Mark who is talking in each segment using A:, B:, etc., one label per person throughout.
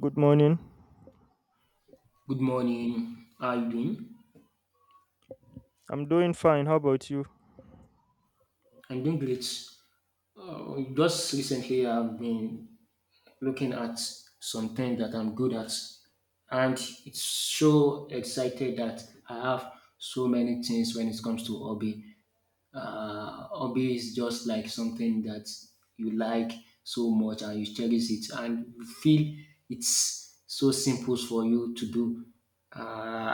A: Good morning.
B: Good morning. How are you doing?
A: I'm doing fine. How about you?
B: I'm doing great. Just recently, I've been looking at something that I'm good at, and it's so excited that I have so many things when it comes to hobby. Hobby is just like something that you like so much and you cherish it, and you feel it's so simple for you to do. Uh,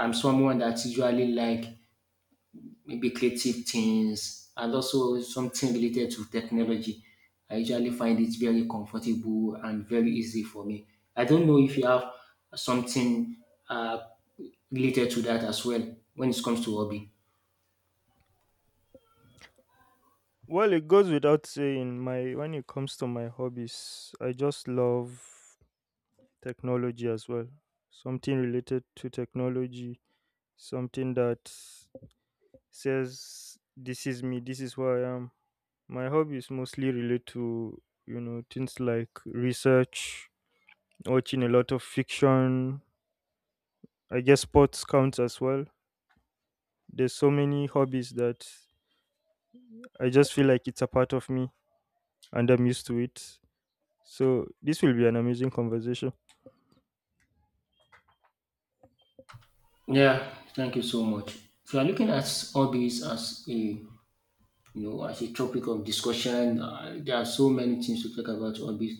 B: I'm someone that usually like maybe creative things, and also something related to technology. I usually find it very comfortable and very easy for me. I don't know if you have something uh, related to that as well when it comes to hobby.
A: Well, it goes without saying, my when it comes to my hobbies, I just love technology as well. Something related to technology, something that says this is me, this is who I am. My hobbies mostly relate to, you know, things like research, watching a lot of fiction. I guess sports counts as well. There's so many hobbies that I just feel like it's a part of me and I'm used to it. So this will be an amazing conversation.
B: Yeah, thank you so much. If you are looking at hobbies as a you know, as a topic of discussion. There are so many things to talk about hobbies.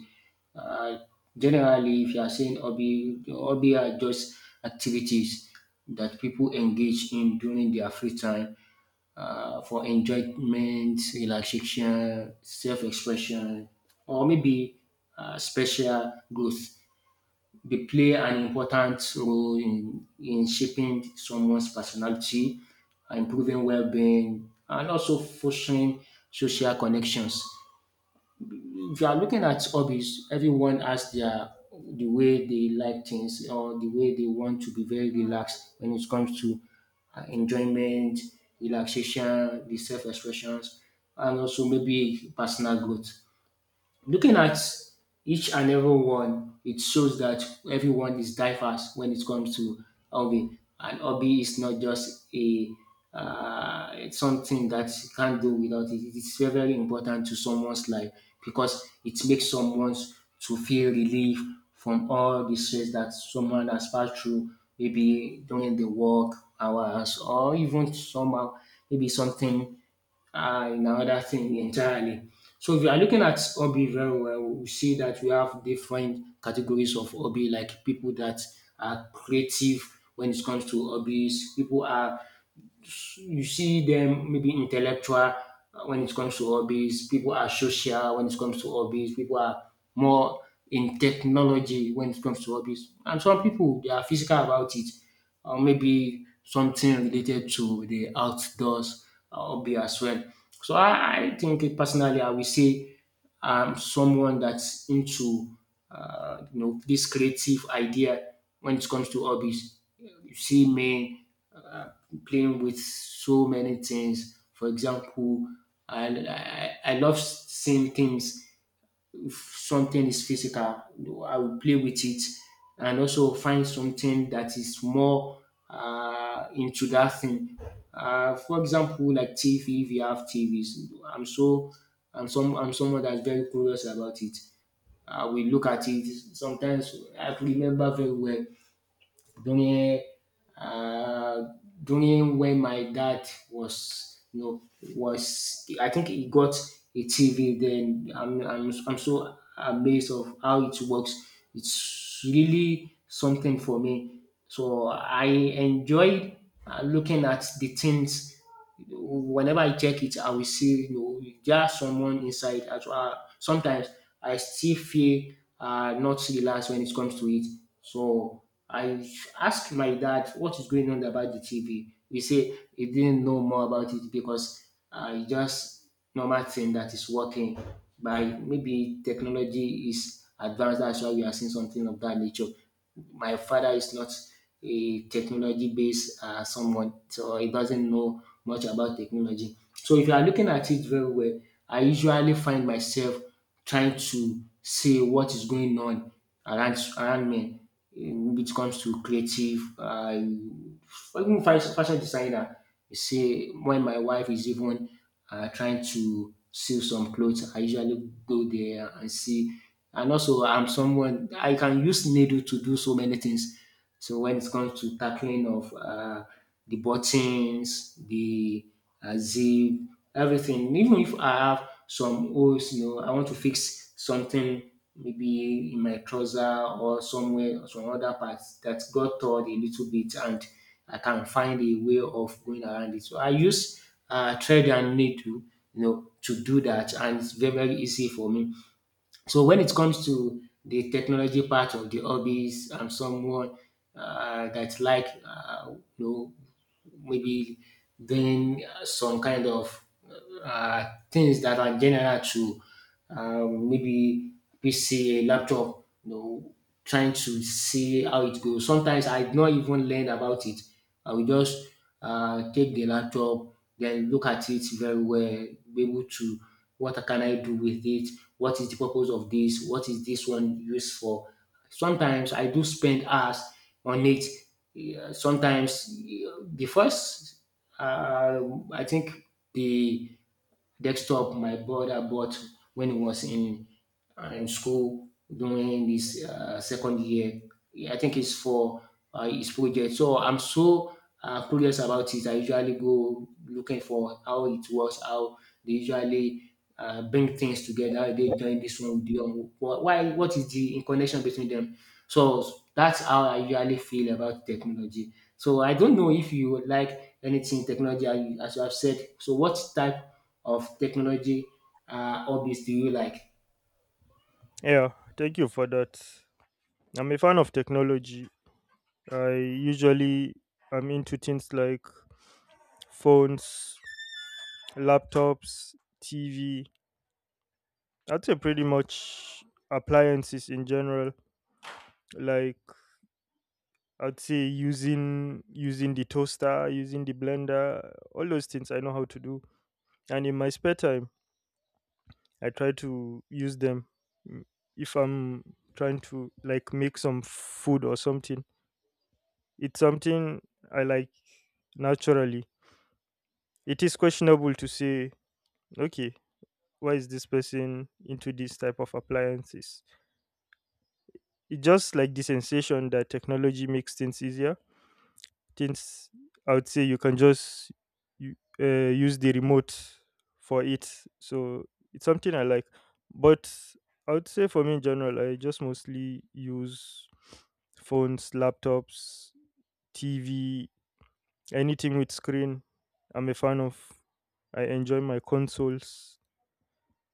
B: Uh, generally, if you are saying hobby, hobby are just activities that people engage in during their free time for enjoyment, relaxation, self-expression, or maybe special growth. They play an important role in shaping someone's personality, improving well-being, and also fostering social connections. If you are looking at hobbies, everyone has their the way they like things or the way they want to be very relaxed when it comes to enjoyment, relaxation, the self expressions, and also maybe personal growth. Looking at each and every one, it shows that everyone is diverse when it comes to hobby. And hobby is not just a it's something that you can't do without it. It's very, very important to someone's life because it makes someone to feel relief from all the stress that someone has passed through, maybe during the work hours or even somehow maybe something Ah, another thing entirely. So if you are looking at hobby very well, we see that we have different categories of hobby, like people that are creative when it comes to hobbies, people are you see them maybe intellectual when it comes to hobbies. People are social when it comes to hobbies. People are more in technology when it comes to hobbies. And some people they are physical about it, or maybe something related to the outdoors hobby as well. So I think it personally, I will say I'm someone that's into you know this creative idea when it comes to hobbies. You see me uh, playing with so many things. For example, I love seeing things something is physical, I will play with it and also find something that is more into that thing. For example, like TV, if you have TVs, I'm someone that's very curious about it. I will look at it sometimes. I can remember very well during uh, during when my dad was you know was I think he got a TV then I'm so amazed of how it works. It's really something for me. So I enjoyed looking at the things whenever I check it, I will see you know there's someone inside as well. Sometimes I still feel not relaxed when it comes to it. So I ask my dad what is going on about the TV. He say he didn't know more about it because I just normal thing that is working by maybe technology is advanced. That's why we are seeing something of that nature. My father is not a technology based someone, so he doesn't know much about technology. So if you are looking at it very well, I usually find myself trying to see what is going on around me. Maybe it comes to creative, I even fashion designer. You see, when my wife is even trying to sew some clothes, I usually go there and see. And also, I'm someone I can use needle to do so many things. So when it comes to tackling of the buttons, the zip, everything, even if I have some holes, you know, I want to fix something maybe in my trouser or somewhere or some other part that got torn a little bit and I can find a way of going around it. So I use thread and needle, you know, to do that and it's very, very easy for me. So when it comes to the technology part of the hobbies, I'm someone that like you know maybe doing some kind of uh, things that are general to maybe PC, laptop, you know, trying to see how it goes. Sometimes I not even learn about it. I will just take the laptop, then look at it very well, be able to what can I do with it? What is the purpose of this? What is this one used for? Sometimes I do spend hours on it. Yeah, sometimes yeah, the first, uh, I think the desktop my brother bought when he was in school during his second year. I think it's for his project. So I'm so curious about it. I usually go looking for how it works, how they usually bring things together, how they join this one with the other. Why? What is the connection between them? So that's how I usually feel about technology. So I don't know if you would like anything technology as you have said. So what type of technology hobbies do you like?
A: Yeah, thank you for that. I'm a fan of technology. I usually am into things like phones, laptops, TV. I'd say pretty much appliances in general. Like I'd say using the toaster, using the blender, all those things I know how to do. And in my spare time, I try to use them. Mm, If I'm trying to like make some food or something, it's something I like naturally. It is questionable to say, okay, why is this person into this type of appliances? It's just like the sensation that technology makes things easier. Things I would say you can just use the remote for it. So it's something I like. But I would say for me in general, I just mostly use phones, laptops, TV. Anything with screen, I'm a fan of. I enjoy my consoles.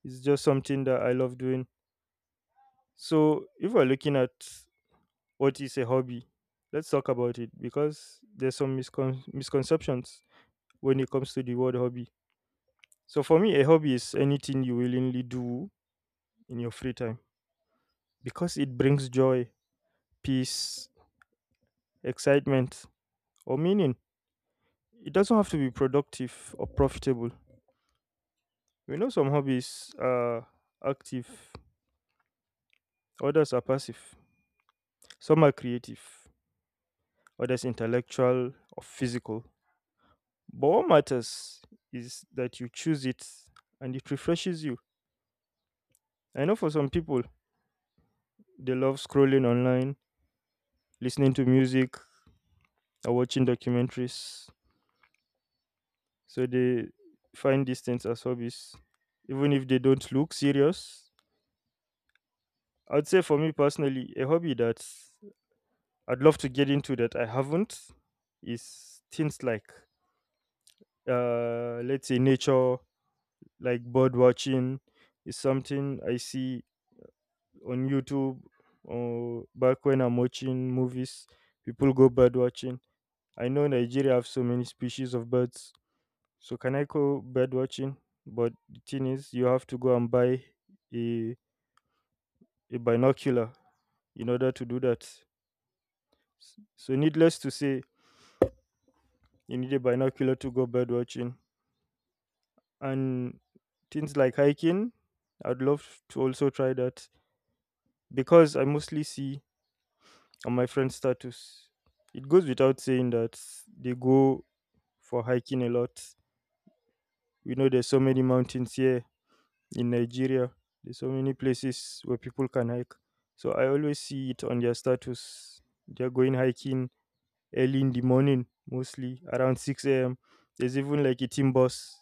A: It's just something that I love doing. So, if we're looking at what is a hobby, let's talk about it because there's some misconceptions when it comes to the word hobby. So, for me, a hobby is anything you willingly do in your free time because it brings joy, peace, excitement, or meaning. It doesn't have to be productive or profitable. We know some hobbies are active. Others are passive. Some are creative, others intellectual or physical. But what matters is that you choose it and it refreshes you. I know for some people, they love scrolling online, listening to music, or watching documentaries. So they find these things as hobbies, even if they don't look serious. I'd say for me personally, a hobby that I'd love to get into that I haven't is things like, let's say, nature, like bird watching is something I see on YouTube or back when I'm watching movies, people go bird watching. I know Nigeria have so many species of birds, so can I go bird watching? But the thing is, you have to go and buy a, a binocular in order to do that. So, needless to say, you need a binocular to go bird watching. And things like hiking, I'd love to also try that because I mostly see on my friend's status. It goes without saying that they go for hiking a lot. We know there's so many mountains here in Nigeria. There's so many places where people can hike. So I always see it on their status. They're going hiking early in the morning, mostly around 6 a.m. There's even like a team bus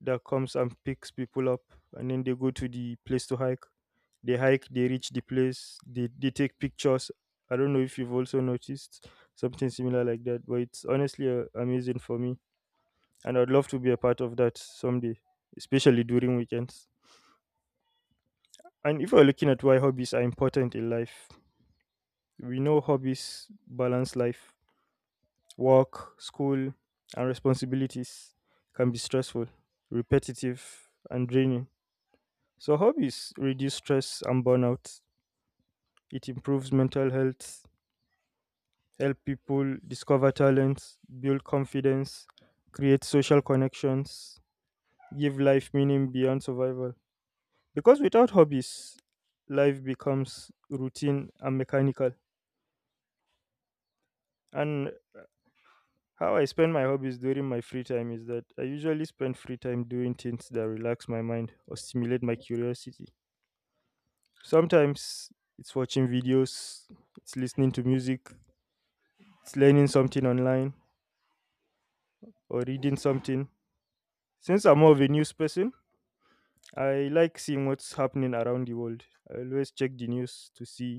A: that comes and picks people up and then they go to the place to hike. They hike, they reach the place, they take pictures. I don't know if you've also noticed something similar like that, but it's honestly amazing for me, and I'd love to be a part of that someday, especially during weekends. And if we're looking at why hobbies are important in life, we know hobbies balance life. Work, school, and responsibilities can be stressful, repetitive and draining. So hobbies reduce stress and burnout. It improves mental health, help people discover talents, build confidence, create social connections, give life meaning beyond survival. Because without hobbies, life becomes routine and mechanical. And how I spend my hobbies during my free time is that I usually spend free time doing things that relax my mind or stimulate my curiosity. Sometimes it's watching videos, it's listening to music, it's learning something online or reading something. Since I'm more of a news person, I like seeing what's happening around the world. I always check the news to see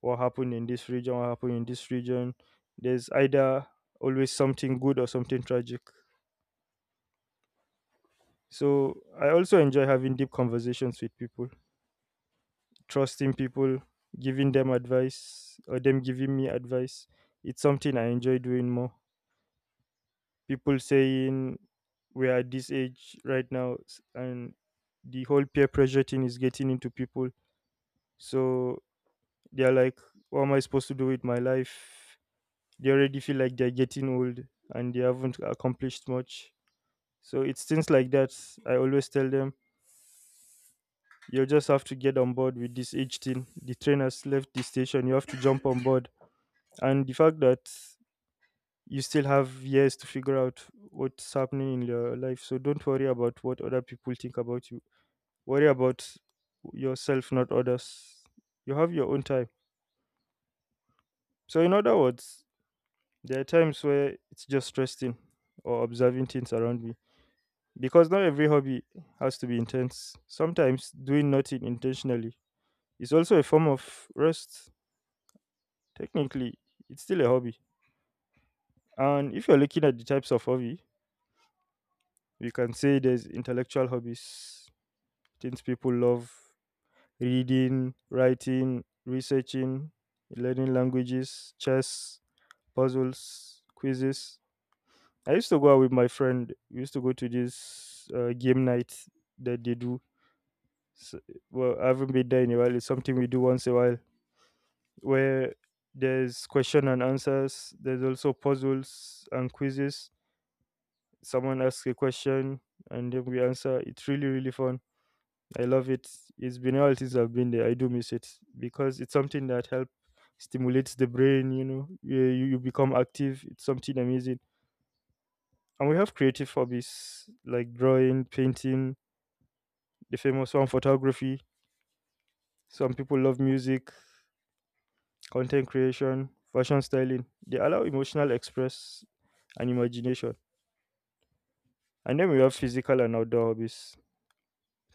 A: what happened in this region, what happened in this region. There's either always something good or something tragic. So I also enjoy having deep conversations with people, trusting people, giving them advice, or them giving me advice. It's something I enjoy doing more. People saying we are at this age right now and the whole peer pressure thing is getting into people, so they're like, what am I supposed to do with my life? They already feel like they're getting old and they haven't accomplished much. So it's things like that. I always tell them you just have to get on board with this age thing. The train has left the station, you have to jump on board. And the fact that you still have years to figure out what's happening in your life. So don't worry about what other people think about you. Worry about yourself, not others. You have your own time. So, in other words, there are times where it's just resting or observing things around me. Because not every hobby has to be intense. Sometimes doing nothing intentionally is also a form of rest. Technically, it's still a hobby. And if you're looking at the types of hobby, we can say there's intellectual hobbies, things people love, reading, writing, researching, learning languages, chess, puzzles, quizzes. I used to go out with my friend. We used to go to this game night that they do. So, well, I haven't been there in a while. It's something we do once a while, where there's question and answers. There's also puzzles and quizzes. Someone asks a question and then we answer. It's really, really fun. I love it. It's been all while since I've been there. I do miss it because it's something that helps stimulates the brain. You know, you become active. It's something amazing. And we have creative hobbies like drawing, painting, the famous one, photography. Some people love music, content creation, fashion styling. They allow emotional express and imagination. And then we have physical and outdoor hobbies,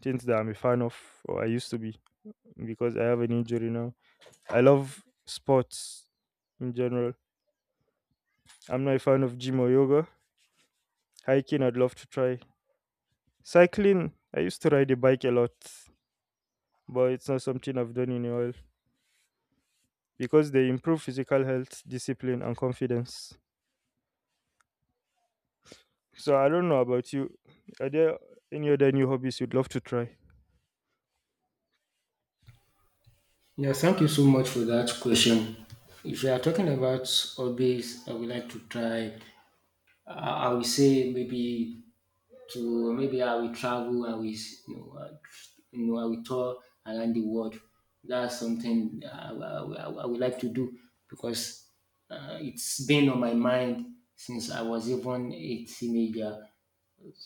A: things that I'm a fan of, or I used to be, because I have an injury now. I love sports in general. I'm not a fan of gym or yoga. Hiking, I'd love to try. Cycling, I used to ride a bike a lot, but it's not something I've done in a while, because they improve physical health, discipline, and confidence. So I don't know about you. Are there any other new hobbies you'd love to try?
B: Yeah, thank you so much for that question. If you are talking about hobbies, I would like to try. I will say maybe I will travel. I will you know, you know I will tour around the world. That's something I would like to do because it's been on my mind since I was even a teenager.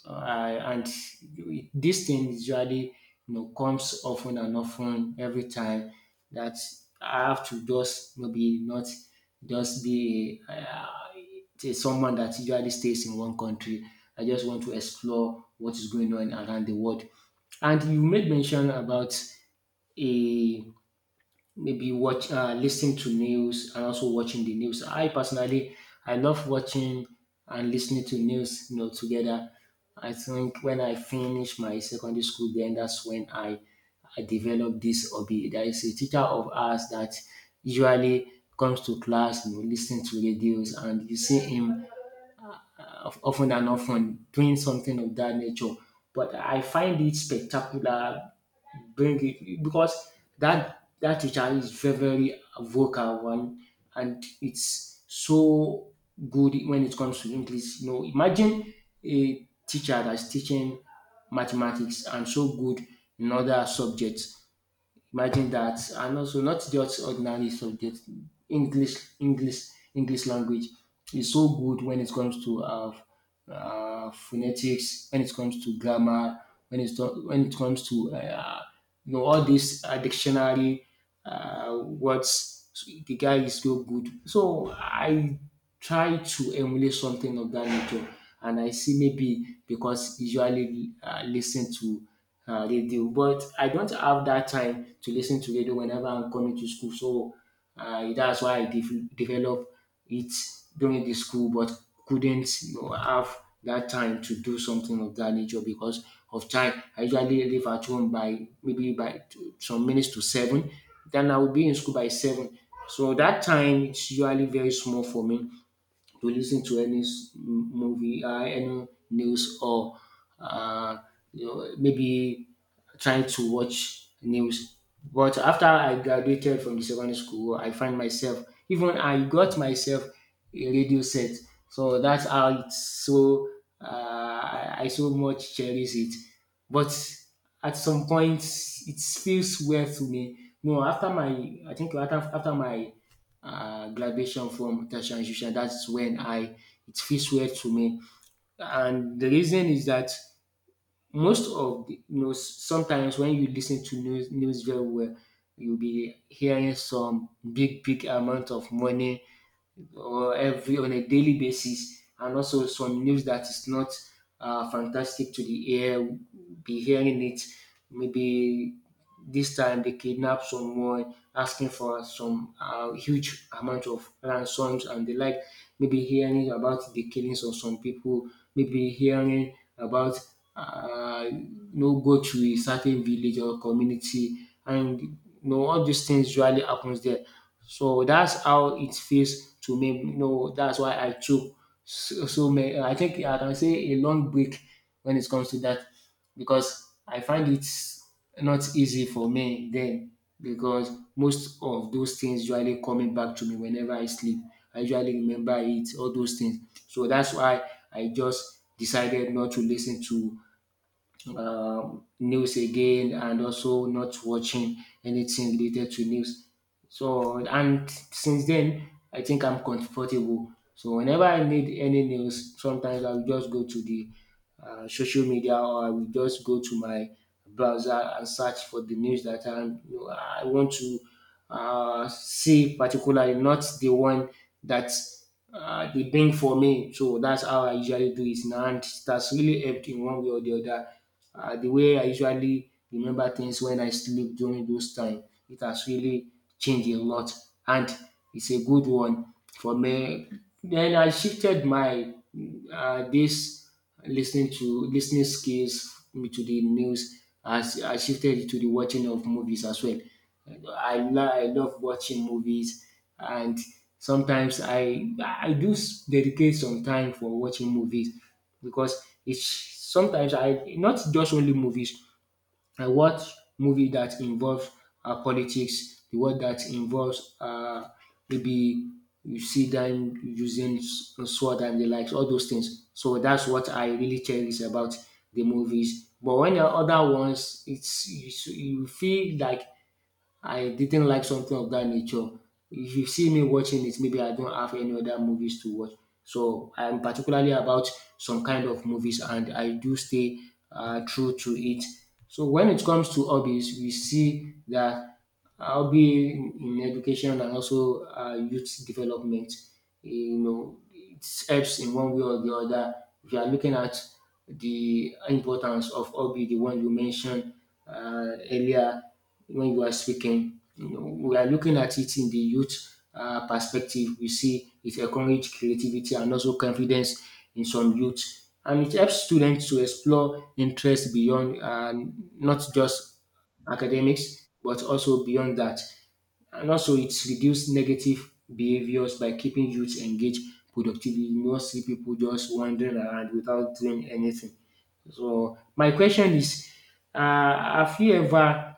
B: And this thing usually you know comes often and often every time that I have to just maybe not just be say someone that usually stays in one country. I just want to explore what is going on around the world. And you made mention about a maybe watch listening to news and also watching the news. I personally I love watching and listening to news you know together. I think when I finish my secondary school then that's when I developed this hobby. There is a teacher of ours that usually comes to class you know listening to radios and you see him often and often doing something of that nature. But I find it spectacular bring it because that teacher is very very vocal one and it's so good when it comes to English. You know, imagine a teacher that's teaching mathematics and so good in other subjects. Imagine that, and also not just ordinary subject. English, English, English language is so good when it comes to phonetics, when it comes to grammar, when it when it comes to you know all this dictionary what the guy is so good. So I try to emulate something of that nature, and I see maybe because usually listen to radio, but I don't have that time to listen to radio whenever I'm coming to school. So that's why I developed it during the school, but couldn't you know, have that time to do something of that nature because of time. I usually leave at home by maybe by some minutes to seven. Then I will be in school by seven. So that time is usually very small for me to listen to any movie, any news, or uh, you know, maybe trying to watch news. But after I graduated from the secondary school, I find myself even I got myself a radio set. So that's how it's so I so much cherish it. But at some point, it feels weird to me. No, after my I think after my graduation from tertiary institution. That's when I it feels weird to me. And the reason is that most of the you know sometimes when you listen to news very well, you'll be hearing some big big amount of money or every on a daily basis, and also some news that is not fantastic to the ear. Be hearing it maybe this time they kidnapped someone, asking for some huge amount of ransoms and the like. Maybe hearing about the killings of some people, maybe hearing about uh, no go to a certain village or community, and you know all these things usually happens there. So that's how it feels to me. You know, that's why I took so, so many. I think I can say a long break when it comes to that because I find it not easy for me then because most of those things usually coming back to me whenever I sleep. I usually remember it, all those things. So that's why I just decided not to listen to news again and also not watching anything related to news. So and since then, I think I'm comfortable. So whenever I need any news, sometimes I'll just go to the social media, or I will just go to my browser and search for the news that I I want to see, particularly not the one that they bring for me. So that's how I usually do it now, and that's really helped in one way or the other. The way I usually remember things when I sleep during those time, it has really changed a lot, and it's a good one for me. Then I shifted my this listening skills me to the news has shifted it to the watching of movies as well. I love watching movies and sometimes I dedicate some time for watching movies because it's sometimes I not just only movies I watch movie that involves politics, the one that involves maybe you see them using sword and the likes, all those things. So that's what I really cherish about the movies. But when the other ones, it's you, you feel like I didn't like something of that nature. If you see me watching it, maybe I don't have any other movies to watch. So I'm particularly about some kind of movies, and I do stay true to it. So when it comes to hobbies, we see that hobby in education and also youth development. You know, it helps in one way or the other. If you are looking at the importance of hobby, the one you mentioned earlier, when you are speaking. You know, we are looking at it in the youth perspective. We see it encourages creativity and also confidence in some youth. And it helps students to explore interests beyond not just academics, but also beyond that. And also, it reduces negative behaviors by keeping youth engaged productively. You don't see people just wandering around without doing anything. So my question is, uh, have you ever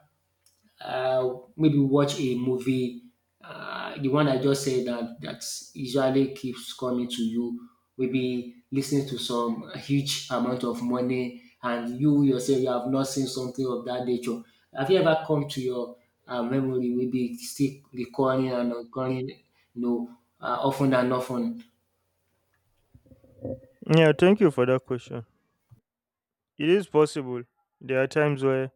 B: maybe watch a movie, the one I just said that usually keeps coming to you, maybe listening to some huge amount of money, and you yourself you have not seen something of that nature. Have you ever come to your memory, maybe still recurring and recurring, you know, often and often?
A: Yeah, thank you for that question. It is possible. There are times where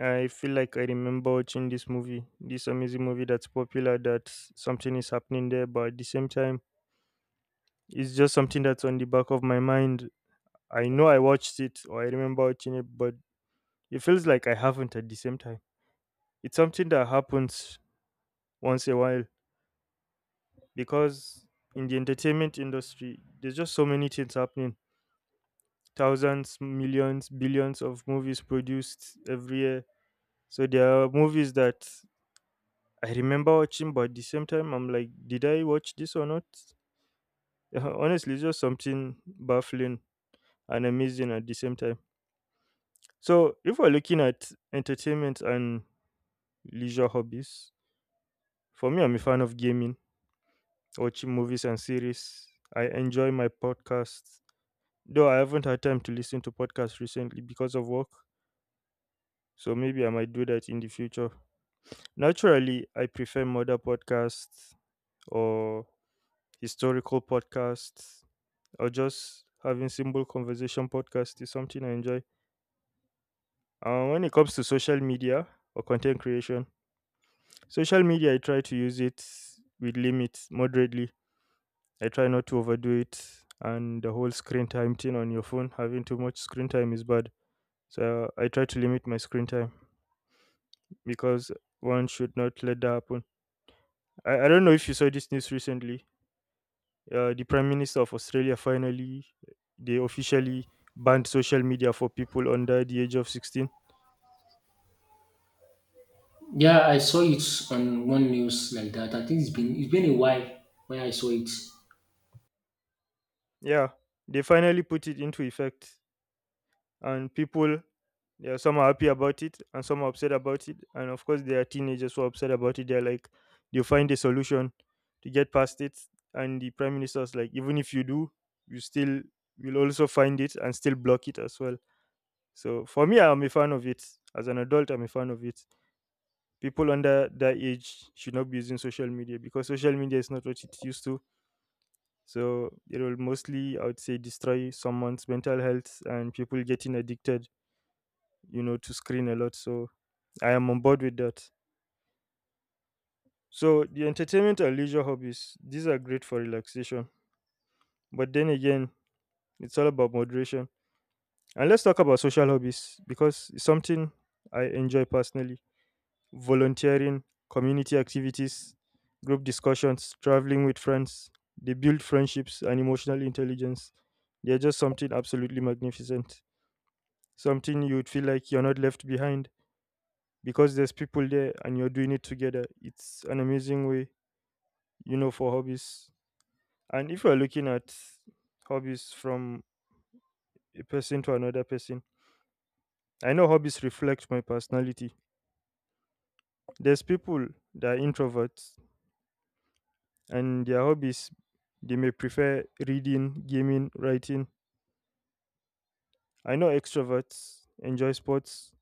A: I feel like I remember watching this movie, this amazing movie that's popular, that something is happening there, but at the same time, it's just something that's on the back of my mind. I know I watched it or I remember watching it, but it feels like I haven't at the same time. It's something that happens once a while, because in the entertainment industry, there's just so many things happening, thousands, millions, billions of movies produced every year. So there are movies that I remember watching, but at the same time, I'm like, did I watch this or not? Honestly, it's just something baffling and amazing at the same time. So if we're looking at entertainment and leisure hobbies, for me, I'm a fan of gaming, watching movies and series. I enjoy my podcasts, though I haven't had time to listen to podcasts recently because of work. So maybe I might do that in the future. Naturally, I prefer murder podcasts or historical podcasts, or just having simple conversation podcasts is something I enjoy. When it comes to social media or content creation, social media, I try to use it with limits moderately. I try not to overdo it, and the whole screen time thing on your phone, having too much screen time is bad. So I try to limit my screen time because one should not let that happen. I don't know if you saw this news recently. The Prime Minister of Australia finally, they officially banned social media for people under the age of 16.
B: Yeah, I saw it on one news like that. I think it's been a while when I saw it.
A: Yeah, they finally put it into effect. And people, yeah, some are happy about it and some are upset about it. And of course, there are teenagers who are upset about it. They're like, they find a solution to get past it. And the prime minister's like, even if you do, you still will also find it and still block it as well. So for me, I'm a fan of it. As an adult, I'm a fan of it. People under that age should not be using social media because social media is not what it used to. So it will mostly, I would say, destroy someone's mental health and people getting addicted, you know, to screen a lot. So I am on board with that. So the entertainment and leisure hobbies, these are great for relaxation. But then again, it's all about moderation. And let's talk about social hobbies because it's something I enjoy personally. Volunteering, community activities, group discussions, traveling with friends, they build friendships and emotional intelligence. They're just something absolutely magnificent. Something you would feel like you're not left behind because there's people there and you're doing it together. It's an amazing way, you know, for hobbies. And if you're looking at hobbies from a person to another person, I know hobbies reflect my personality. There's people that are introverts and their hobbies, they may prefer reading, gaming, writing. I know extroverts enjoy sports,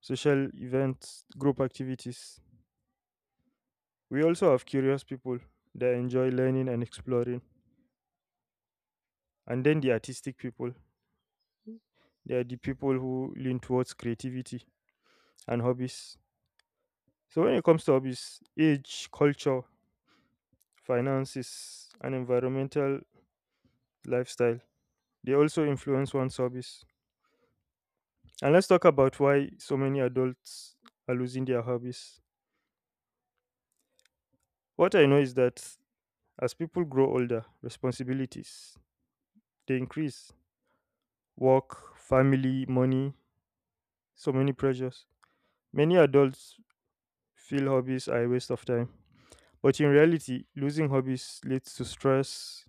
A: social events, group activities. We also have curious people that enjoy learning and exploring. And then the artistic people, they are the people who lean towards creativity and hobbies. So when it comes to hobbies, age, culture, finances, and environmental lifestyle, they also influence one's hobbies. And let's talk about why so many adults are losing their hobbies. What I know is that as people grow older, responsibilities, they increase. Work, family, money, so many pressures. Many adults feel hobbies are a waste of time. But in reality, losing hobbies leads to stress,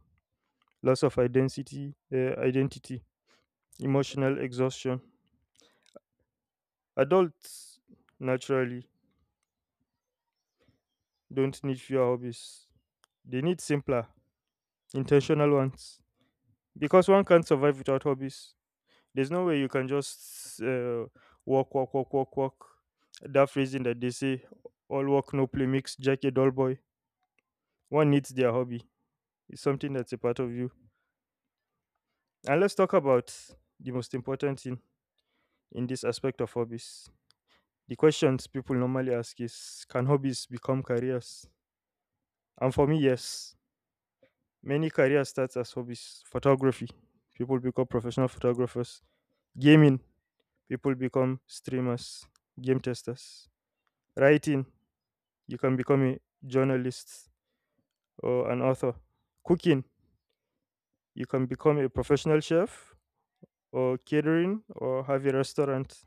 A: loss of identity, identity, emotional exhaustion. Adults naturally don't need fewer hobbies. They need simpler, intentional ones, because one can't survive without hobbies. There's no way you can just walk, walk, walk, walk, walk. That phrasing that they say, all work, no play makes Jack a dull boy. One needs their hobby. It's something that's a part of you. And let's talk about the most important thing in this aspect of hobbies. The questions people normally ask is, can hobbies become careers? And for me, yes. Many careers start as hobbies. Photography, people become professional photographers. Gaming, people become streamers, game testers. Writing, you can become a journalist or an author. Cooking, you can become a professional chef or catering or have a restaurant.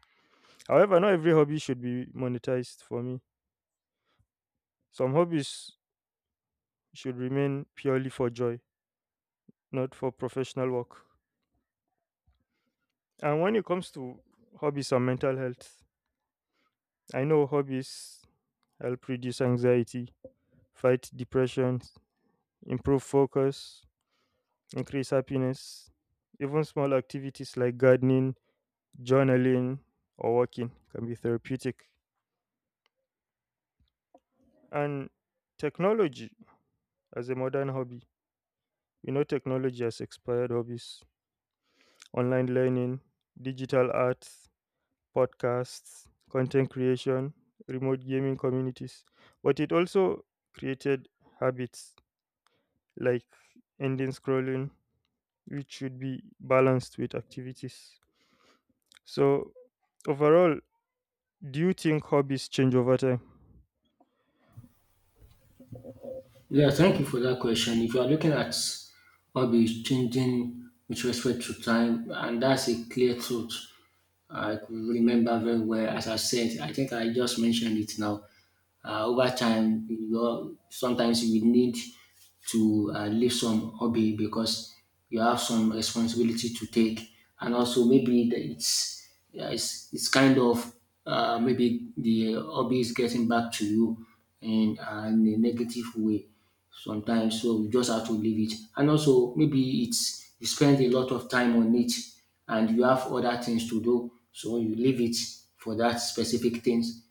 A: However, not every hobby should be monetized for me. Some hobbies should remain purely for joy, not for professional work. And when it comes to hobbies and mental health, I know hobbies help reduce anxiety, fight depression, improve focus, increase happiness. Even small activities like gardening, journaling, or walking can be therapeutic. And technology as a modern hobby, we know technology has expired hobbies, online learning, digital art, podcasts, content creation, remote gaming communities. But it also created habits like ending scrolling, which should be balanced with activities. So, overall, do you think hobbies change over time?
B: Yeah, thank you for that question. If you are looking at what is changing with respect to time, and that's a clear truth. I could remember very well, as I said, I think I just mentioned it now. Over time you all, sometimes you will need to leave some hobby because you have some responsibility to take, and also maybe it's yeah, it's kind of maybe the hobby is getting back to you in a negative way sometimes, so you just have to leave it. And also maybe it's you spend a lot of time on it and you have other things to do, so you leave it for that specific things.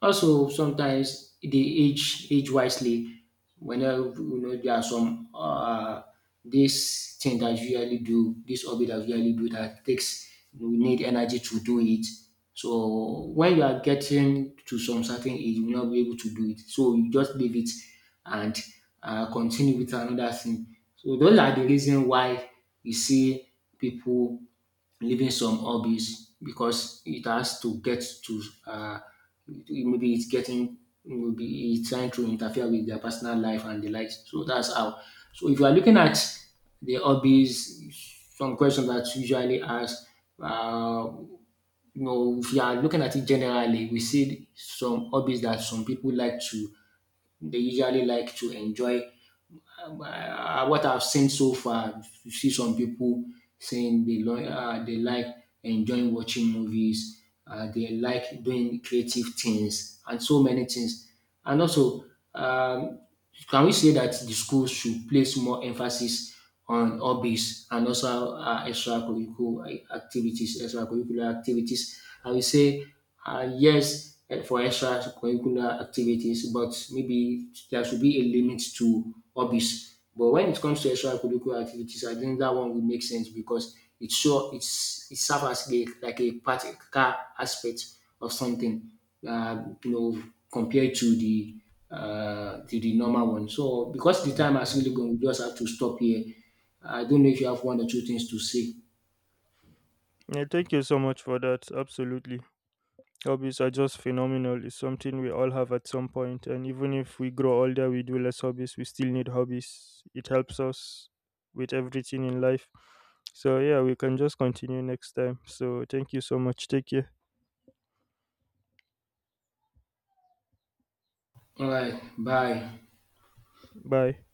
B: Also, sometimes they age wisely. Whenever you know there are some this thing that you usually do, this hobby that you usually do that takes we need energy to do it. So when you are getting to some certain age, you will not be able to do it. So you just leave it and continue with another thing. So those are the reason why you see people leaving some hobbies because it has to get to maybe it's getting maybe it's trying to interfere with their personal life and the likes. So that's how. So if you are looking at the hobbies, some questions that usually asked, uh, you know, if you are looking at it generally, we see some hobbies that some people like to, they usually like to enjoy what I've seen so far, you see some people saying they they like enjoying watching movies, they like doing creative things, and so many things. And also, um, can we say that the schools should place more emphasis on hobbies and also extracurricular activities? Extracurricular activities, I will say, yes, for extracurricular activities, but maybe there should be a limit to hobbies. But when it comes to extracurricular activities, I think that one will make sense because it's it serves as a, like a practical aspect of something, you know, compared to the normal one. So because the time has really gone, we just have to stop here. I don't know if you have one or two things to say.
A: Yeah, thank you so much for that. Absolutely. Hobbies are just phenomenal. It's something we all have at some point, and even if we grow older, we do less hobbies. We still need hobbies. It helps us with everything in life. So yeah, we can just continue next time. So thank you so much. Take care.
B: All right, bye.
A: Bye.